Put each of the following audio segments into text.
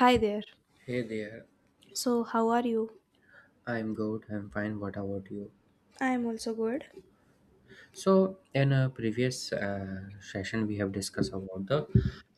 Hi there. Hey there. So, how are you? I'm fine, what about you? I am also good. So, in a previous session, we have discussed about the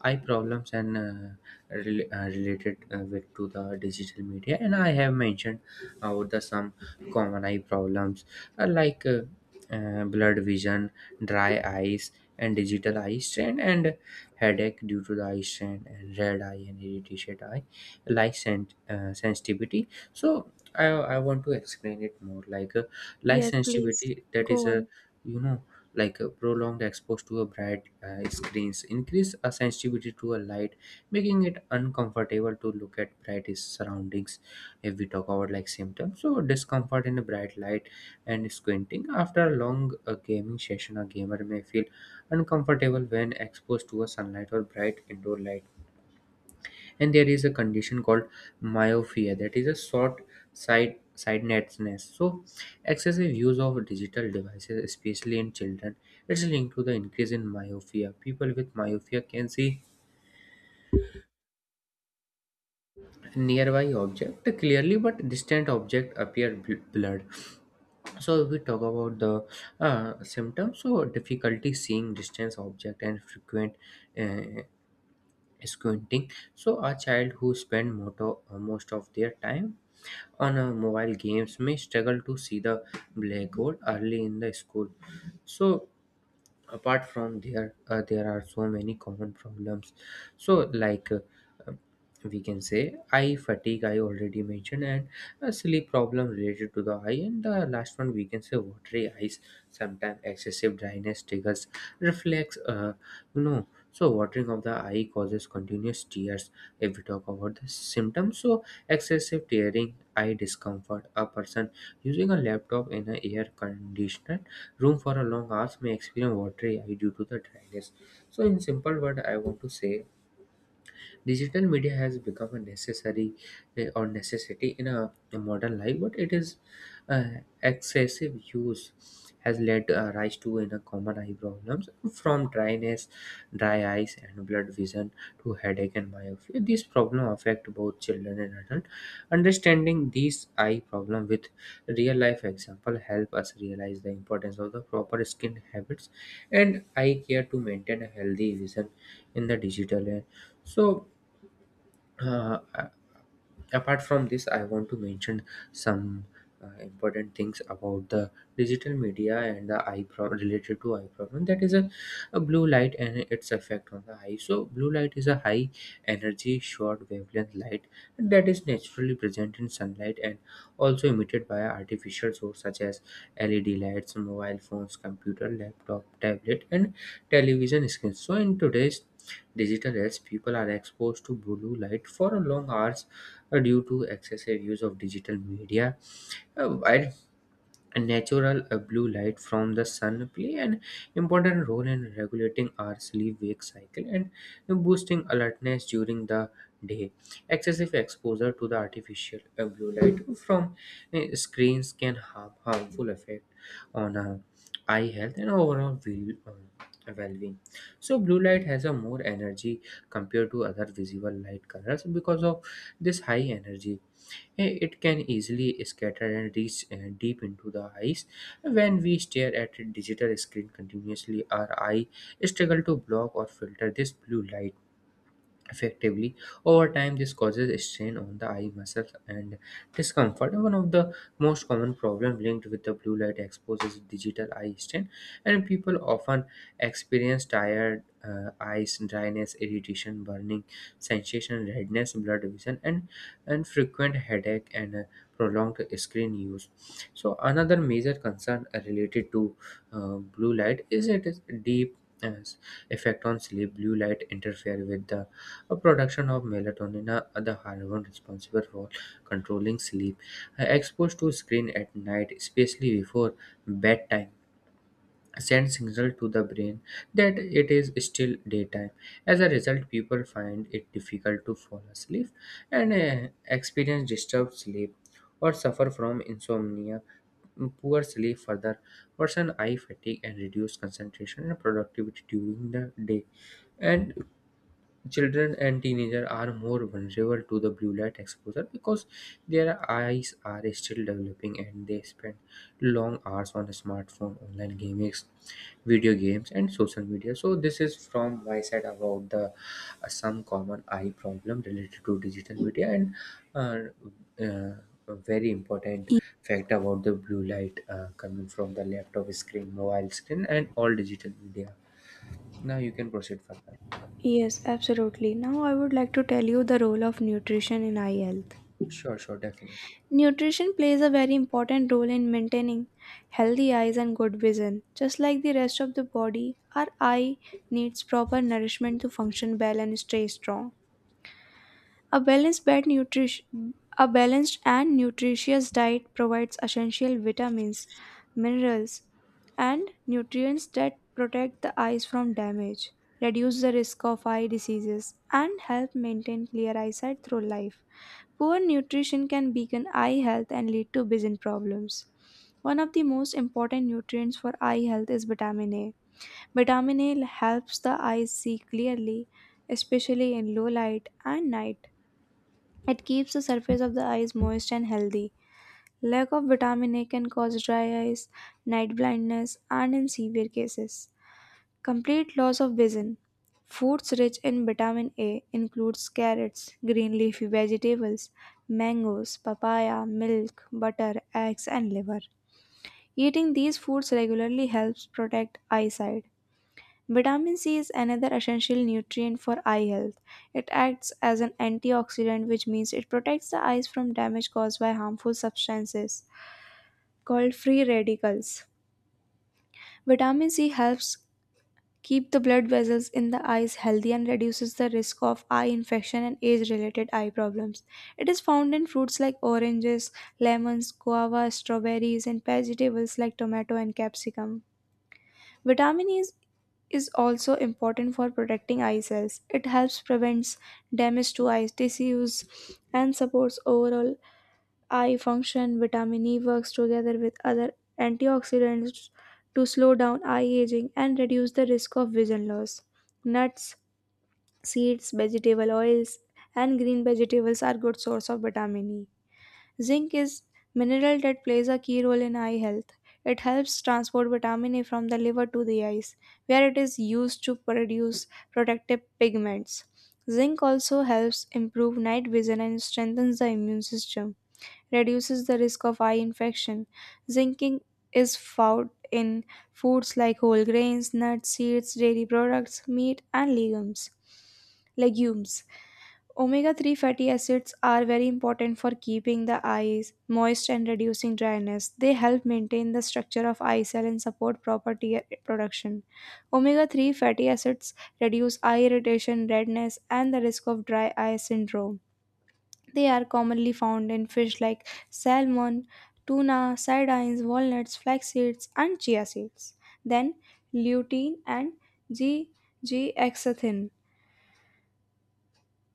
eye problems and related with to the digital media, and I have mentioned about the some common eye problems uh, like uh, blurred vision, dry eyes, and digital eye strain, and headache due to the eye strain, and red eye and irritated eye, sensitivity. So, I want to explain it more like light Yes, please. sensitivity. That Go is a on. you know prolonged exposure to a bright screens increase a sensitivity to a light, making it uncomfortable to look at bright surroundings. If we talk about like symptoms, so discomfort in a bright light and squinting. After a long gaming session, a gamer may feel uncomfortable when exposed to a sunlight or bright indoor light. And there is a condition called myopia, that is a short sight sightedness. So excessive use of digital devices, especially in children, it's linked to the increase in myopia. People with myopia can see nearby object clearly but distant object appear blurred. So if we talk about the symptoms, so difficulty seeing distance object and frequent uh, squinting. So a child who spend most of their time on mobile games may struggle to see the black goal early in the school. So apart from there there are so many common problems. So um, we can say eye fatigue, I already mentioned, and a sleep problem related to the eye. And the last one, we can say watery eyes. Sometimes excessive dryness triggers reflex. You know so watering of the eye causes continuous tears. If we talk about the symptoms, so excessive tearing, eye discomfort. A person using a laptop in an air conditioner room for a long hours may experience watery eye due to the dryness. So in simple word, I want to say digital media has become a necessary or necessity in a modern life, but it is uh, excessive use has led rise to in a common eye problems, from dryness, dry eyes and blood vision to headache and myopia. These problems affect both children and adults. Understanding these eye problem with real life example help us realize the importance of the proper skin habits and eye care to maintain a healthy vision in the digital era. So uh, apart from this, I want to mention some important things about the digital media and the eye problem related to eye problem. That is a blue light and its effect on the eye. So blue light is a high energy short wavelength light that is naturally present in sunlight and also emitted by artificial sources such as led lights, mobile phones, computer, laptop, tablet, and television screens. So in today's digital age, people are exposed to blue light for long hours due to excessive use of digital media. While natural blue light from the sun play an important role in regulating our sleep wake cycle and boosting alertness during the day, excessive exposure to the artificial blue light from screens can have harmful effect on eye health and overall well-being. So blue light has a more energy compared to other visible light colors. Because of this high energy, it can easily scatter and reach deep into the eyes. When we stare at a digital screen continuously, our eye struggle to block or filter this blue light effectively. Over time this causes strain on the eye muscles and discomfort. One of the most common problems linked with the blue light exposure is digital eye strain, and people often experience tired eyes, dryness, irritation, burning sensation, redness, blurred vision, and frequent headache and prolonged screen use. So another major concern related to blue light is it is deep uh, effect on sleep. Blue light interfere with the production of melatonin, a the hormone responsible for controlling sleep. Exposed to screen at night, especially before bedtime, sends signal to the brain that it is still daytime. As a result, people find it difficult to fall asleep and experience disturbed sleep or suffer from insomnia. Poor sleep further worsen eye fatigue and reduce concentration and productivity during the day. And children and teenagers are more vulnerable to the blue light exposure because their eyes are still developing and they spend long hours on smartphone, online games, video games, and social media. So this is from my side about the some common eye problem related to digital media and uh, uh, a very important Y- fact about the blue light coming from the laptop screen, mobile screen, and all digital media. Now you can proceed further. Yes, absolutely. Now I would like to tell you the role of nutrition in eye health. Sure, sure, definitely. Nutrition plays a very important role in maintaining healthy eyes and good vision. Just like the rest of the body, our eye needs proper nourishment to function well and stay strong. A balanced and nutritious diet provides essential vitamins, minerals, and nutrients that protect the eyes from damage, reduce the risk of eye diseases, and help maintain clear eyesight through life. Poor nutrition can weaken eye health and lead to vision problems. One of the most important nutrients for eye health is vitamin A. Vitamin A helps the eyes see clearly, especially in low light and night. It keeps the surface of the eyes moist and healthy. Lack of vitamin A can cause dry eyes, night blindness, and in severe cases, complete loss of vision. Foods rich in vitamin A includes carrots, green leafy vegetables, mangoes, papaya, milk, butter, eggs, and liver. Eating these foods regularly helps protect eyesight. Vitamin C is another essential nutrient for eye health. It acts as an antioxidant, which means it protects the eyes from damage caused by harmful substances called free radicals. Vitamin C helps keep the blood vessels in the eyes healthy and reduces the risk of eye infection and age related eye problems. It is found in fruits like oranges, lemons, guava, strawberries, and vegetables like tomato and capsicum. Vitamin E is also important for protecting eye cells. It helps prevents damage to eye tissues and supports overall eye function. Vitamin E works together with other antioxidants to slow down eye aging and reduce the risk of vision loss. Nuts, seeds, vegetable oils, and green vegetables are good source of vitamin E. Zinc is mineral that plays a key role in eye health. It helps transport vitamin A from the liver to the eyes, where it is used to produce protective pigments. Zinc also helps improve night vision and strengthens the immune system, reduces the risk of eye infection. Zinc is found in foods like whole grains, nuts, seeds, dairy products, meat, and legumes. Legumes. Omega 3 fatty acids are very important for keeping the eyes moist and reducing dryness. They help maintain the structure of eye cell and support proper tear production. Omega 3 fatty acids reduce eye irritation, redness, and the risk of dry eye syndrome. They are commonly found in fish like salmon, tuna, sardines, walnuts, flax seeds, and chia seeds. Then, lutein and G. G. exanthin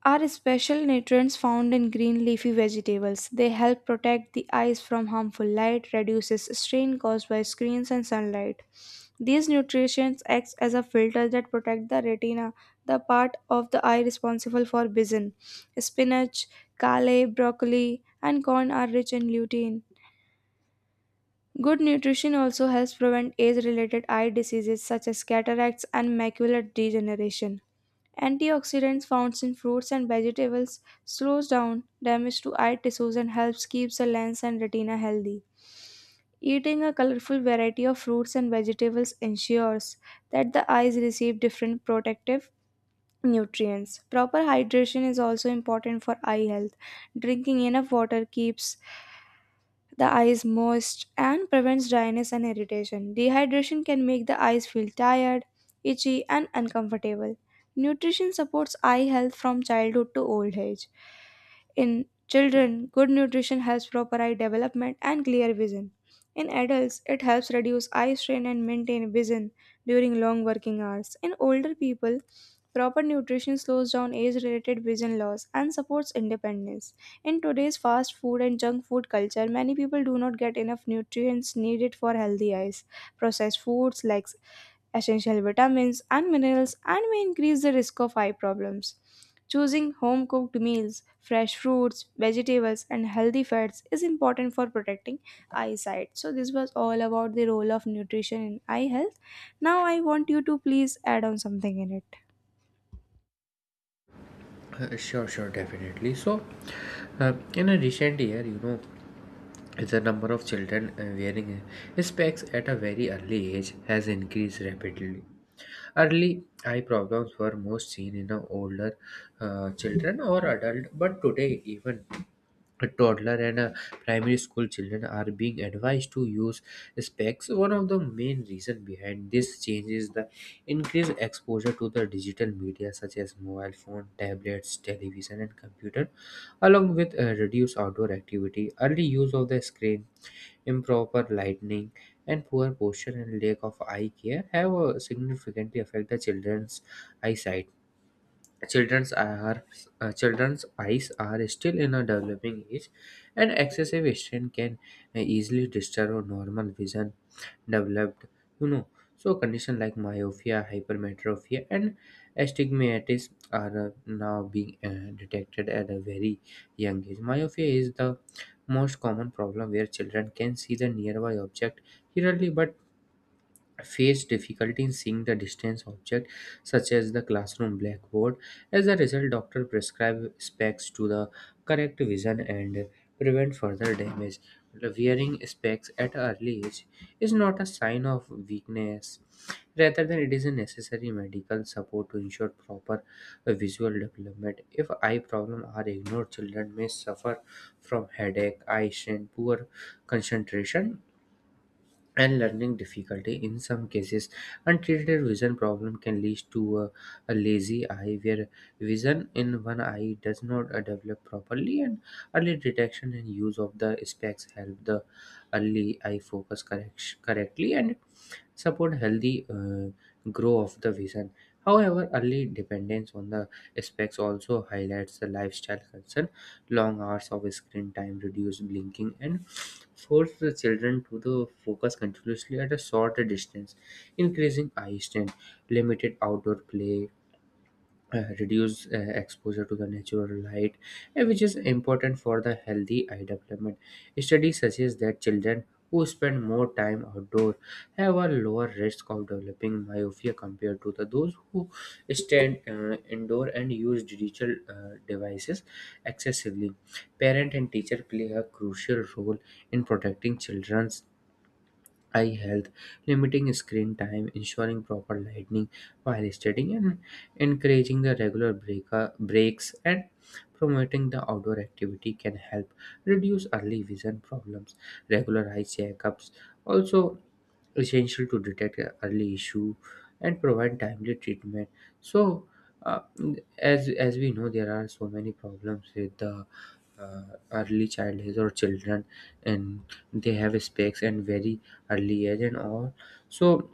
are special nutrients found in green leafy vegetables. They help protect the eyes from harmful light, reduces strain caused by screens and sunlight. These nutrients acts as a filter that protect the retina, the part of the eye responsible for vision. Spinach, kale, broccoli, and corn are rich in lutein. Good nutrition also helps prevent age related eye diseases such as cataracts and macular degeneration. Antioxidants found in fruits and vegetables slows down damage to eye tissues and helps keep the lens and retina healthy. Eating a colorful variety of fruits and vegetables ensures that the eyes receive different protective nutrients. Proper hydration is also important for eye health. Drinking enough water keeps the eyes moist and prevents dryness and irritation. Dehydration can make the eyes feel tired, itchy, and uncomfortable. Nutrition supports eye health from childhood to old age. In children, good nutrition helps proper eye development and clear vision. In adults, it helps reduce eye strain and maintain vision during long working hours. In older people, proper nutrition slows down age related vision loss and supports independence. In today's fast food and junk food culture, many people do not get enough nutrients needed for healthy eyes. Processed foods like essential vitamins and minerals and may increase the risk of eye problems. Choosing home cooked meals, fresh fruits, vegetables, and healthy fats is important for protecting eyesight. So, this was all about the role of nutrition in eye health. Now, I want you to please add on something in it. So, in a recent year, you know, the number of children wearing specs at a very early age has increased rapidly. Early eye problems were most seen in older children or adult, but today even a toddler and a primary school children are being advised to use specs. One of the main reason behind this change is the increased exposure to the digital media, such as mobile phone, tablets, television, and computer, along with reduced outdoor activity. Early use of the screen, improper lighting, and poor posture and lack of eye care have significantly affected the children's eyesight. Children's are Children's eyes are still in a developing age, and excessive strain can easily disturb our normal vision developed. You know, so conditions like myopia, hypermetropia, and astigmatism are now being detected at a very young age. Myopia is the most common problem where children can see the nearby object clearly but face difficulty in seeing the distance object, such as the classroom blackboard. As a result, doctor prescribe specs to the correct vision and prevent further damage. Wearing specs at early age is not a sign of weakness, rather than it is a necessary medical support to ensure proper visual development. If eye problems are ignored, children may suffer from headache, eye strain, poor concentration, and learning difficulty. In some cases, untreated vision problem can lead to a lazy eye, where vision in one eye does not develop properly. And early detection and use of the specs help the early eye focus correctly and support healthy grow of the vision. However, early dependence on the specs also highlights the lifestyle concern. Long hours of screen time reduce blinking and force the children to the focus continuously at a shorter distance, increasing eye strain. Limited outdoor play, reduce exposure to the natural light, which is important for the healthy eye development. Studies suggest that children who spend more time outdoor have a lower risk of developing myopia compared to the those who stand indoor and use digital devices excessively. Parent and teacher play a crucial role in protecting children eye health. Limiting screen time, ensuring proper lighting while studying, and encouraging the breaks and promoting the outdoor activity can help reduce early vision problems. Regular eye checkups also essential to detect a early issue and provide timely treatment. So, uh, as we know, there are so many problems with the uh, early childhood or children, and they have specs and very early age and all. So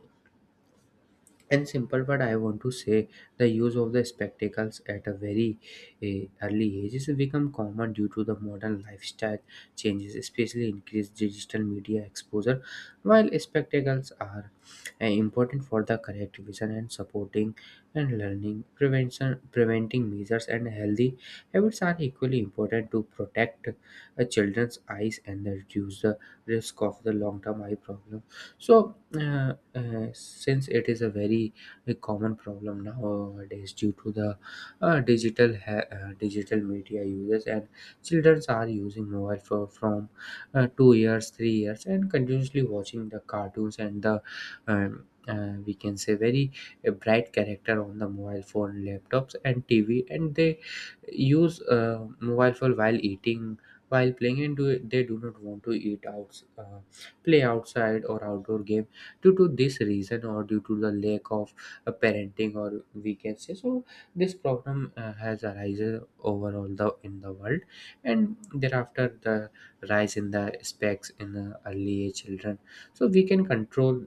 in simple word, I want to say the use of the spectacles at a very early age has become common due to the modern lifestyle changes, especially increased digital media exposure. While spectacles are important for the correct vision and supporting and learning, prevention preventing measures and healthy habits are equally important to protect a children's eyes and reduce the risk of the long-term eye problem. So, since it is a very a common problem nowadays due to the digital media uses, and children are using mobile for from 2 years, 3 years, and continuously watching the cartoons and the we can say very bright character on the mobile phone, laptops, and TV, and they use mobile phone while eating, while playing, and they do not want to eat out. Play outside or outdoor game due to this reason or due to the lack of parenting or we can say. So this problem has arisen overall the in the world, and thereafter the rise in the specs in the early age children. So we can control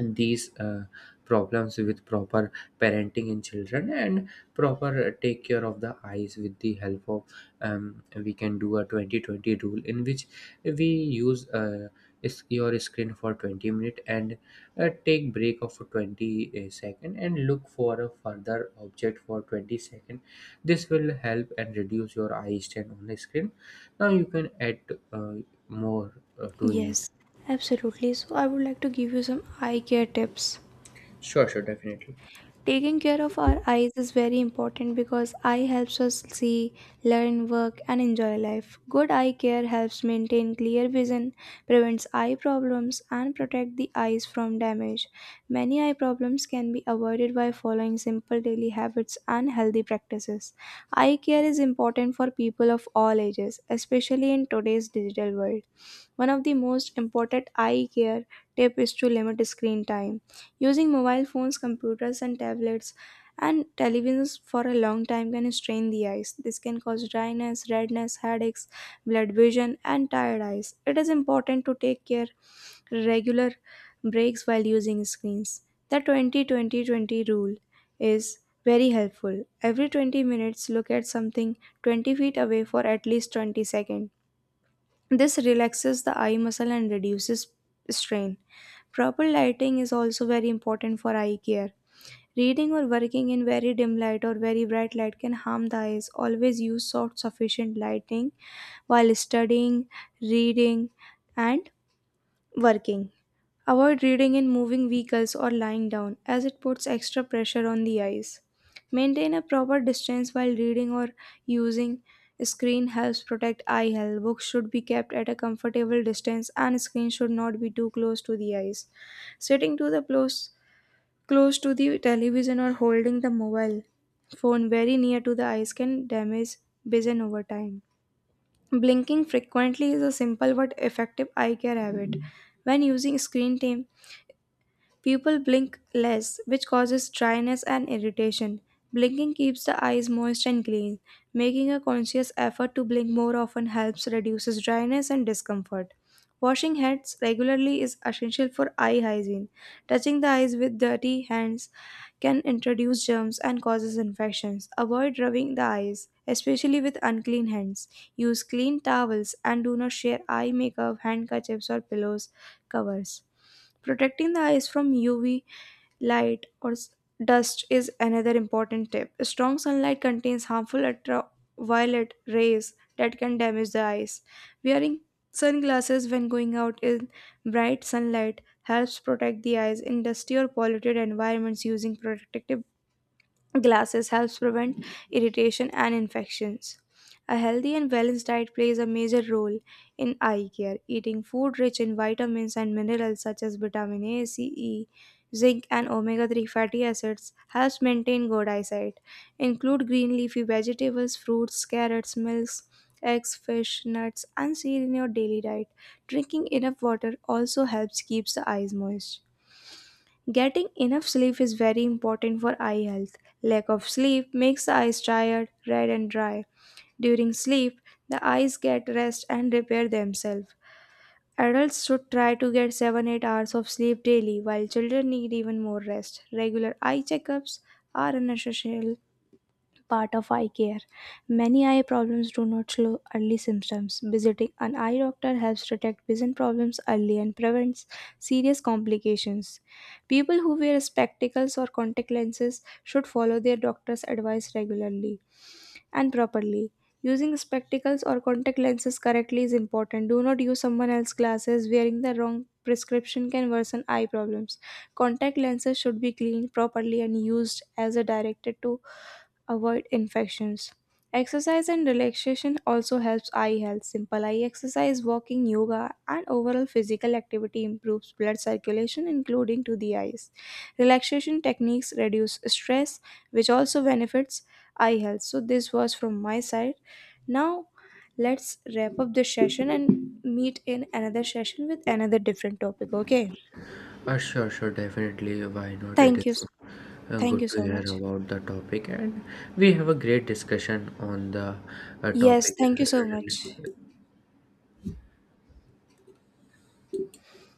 these problems with proper parenting in children and proper take care of the eyes with the help of we can do a 2020 rule, in which we use your screen for 20 minute and take break of 20 second and look for a further object for 20 second. This will help and reduce your eye strain on the screen. Now you can add uh, more to in it. Yes, absolutely. So, I would like to give you some eye care tips. Sure, sure, definitely. Taking care of our eyes is very important because eye helps us see, learn, work, and enjoy life. Good eye care helps maintain clear vision, prevents eye problems, and protect the eyes from damage. Many eye problems can be avoided by following simple daily habits and healthy practices. Eye care is important for people of all ages, especially in today's digital world. One of the most important eye care tip is to limit screen time. Using mobile phones, computers, and tablets and televisions for a long time can strain the eyes. This can cause dryness, redness, headaches, blood vision, and tired eyes. It is important to take care regular breaks while using screens. The 20-20-20 rule is very helpful. Every 20 minutes, look at something 20 feet away for at least 20 seconds. This relaxes the eye muscle and reduces strain. Proper lighting is also very important for eye care. Reading or working in very dim light or very bright light can harm the eyes. Always use soft, sufficient lighting while studying, reading, and working. Avoid reading in moving vehicles or lying down as it puts extra pressure on the eyes. Maintain a proper distance while reading or using screen helps protect eye health. Books should be kept at a comfortable distance and screen should not be too close to the eyes. Sitting to the close to the television or holding the mobile phone very near to the eyes can damage vision over time. Blinking frequently is a simple but effective eye care habit. When using screen time, people blink less, which causes dryness and irritation. Blinking keeps the eyes moist and clean. Making a conscious effort to blink more often helps reduces dryness and discomfort. Washing hands regularly is essential for eye hygiene. Touching the eyes with dirty hands can introduce germs and causes infections. Avoid rubbing the eyes, especially with unclean hands. Use clean towels and do not share eye makeup, handkerchiefs, or pillows covers. Protecting the eyes from UV light or dust is another important tip. Strong sunlight contains harmful ultraviolet rays that can damage the eyes. Wearing sunglasses when going out in bright sunlight helps protect the eyes in dusty or polluted environments using protective glasses helps prevent irritation and infections. A healthy and balanced diet plays a major role in eye care. Eating food rich in vitamins and minerals such as vitamin A, C, E, zinc, and omega 3 fatty acids helps maintain good eyesight. Include green leafy vegetables, fruits, carrots, milks, eggs, fish, nuts, and seed in your daily diet. Drinking enough water also helps keeps the eyes moist. Getting enough sleep is very important for eye health. Lack of sleep makes the eyes tired, red, and dry. During sleep, the eyes get rest and repair themselves. Adults should try to get 7-8 hours of sleep daily, while children need even more rest. Regular eye checkups are an essential part of eye care. Many eye problems do not show early symptoms. Visiting an eye doctor helps detect vision problems early and prevents serious complications. People who wear spectacles or contact lenses should follow their doctor's advice regularly and properly. Using spectacles or contact lenses correctly is important. Do not use someone else's glasses. Wearing the wrong prescription can worsen eye problems. Contact lenses should be cleaned properly and used as a directed to avoid infections. Exercise and relaxation also helps eye health. Simple eye exercise, walking, yoga, and overall physical activity improves blood circulation, including to the eyes. Relaxation techniques reduce stress, which also benefits eye health. So, this was from my side. Now, let's wrap up this session and meet in another session with another different topic. Okay, Why not? It thank you. is Thank good you to so hear much. about the topic, and we have a great discussion on the Yes, topic. thank you so much. Uh,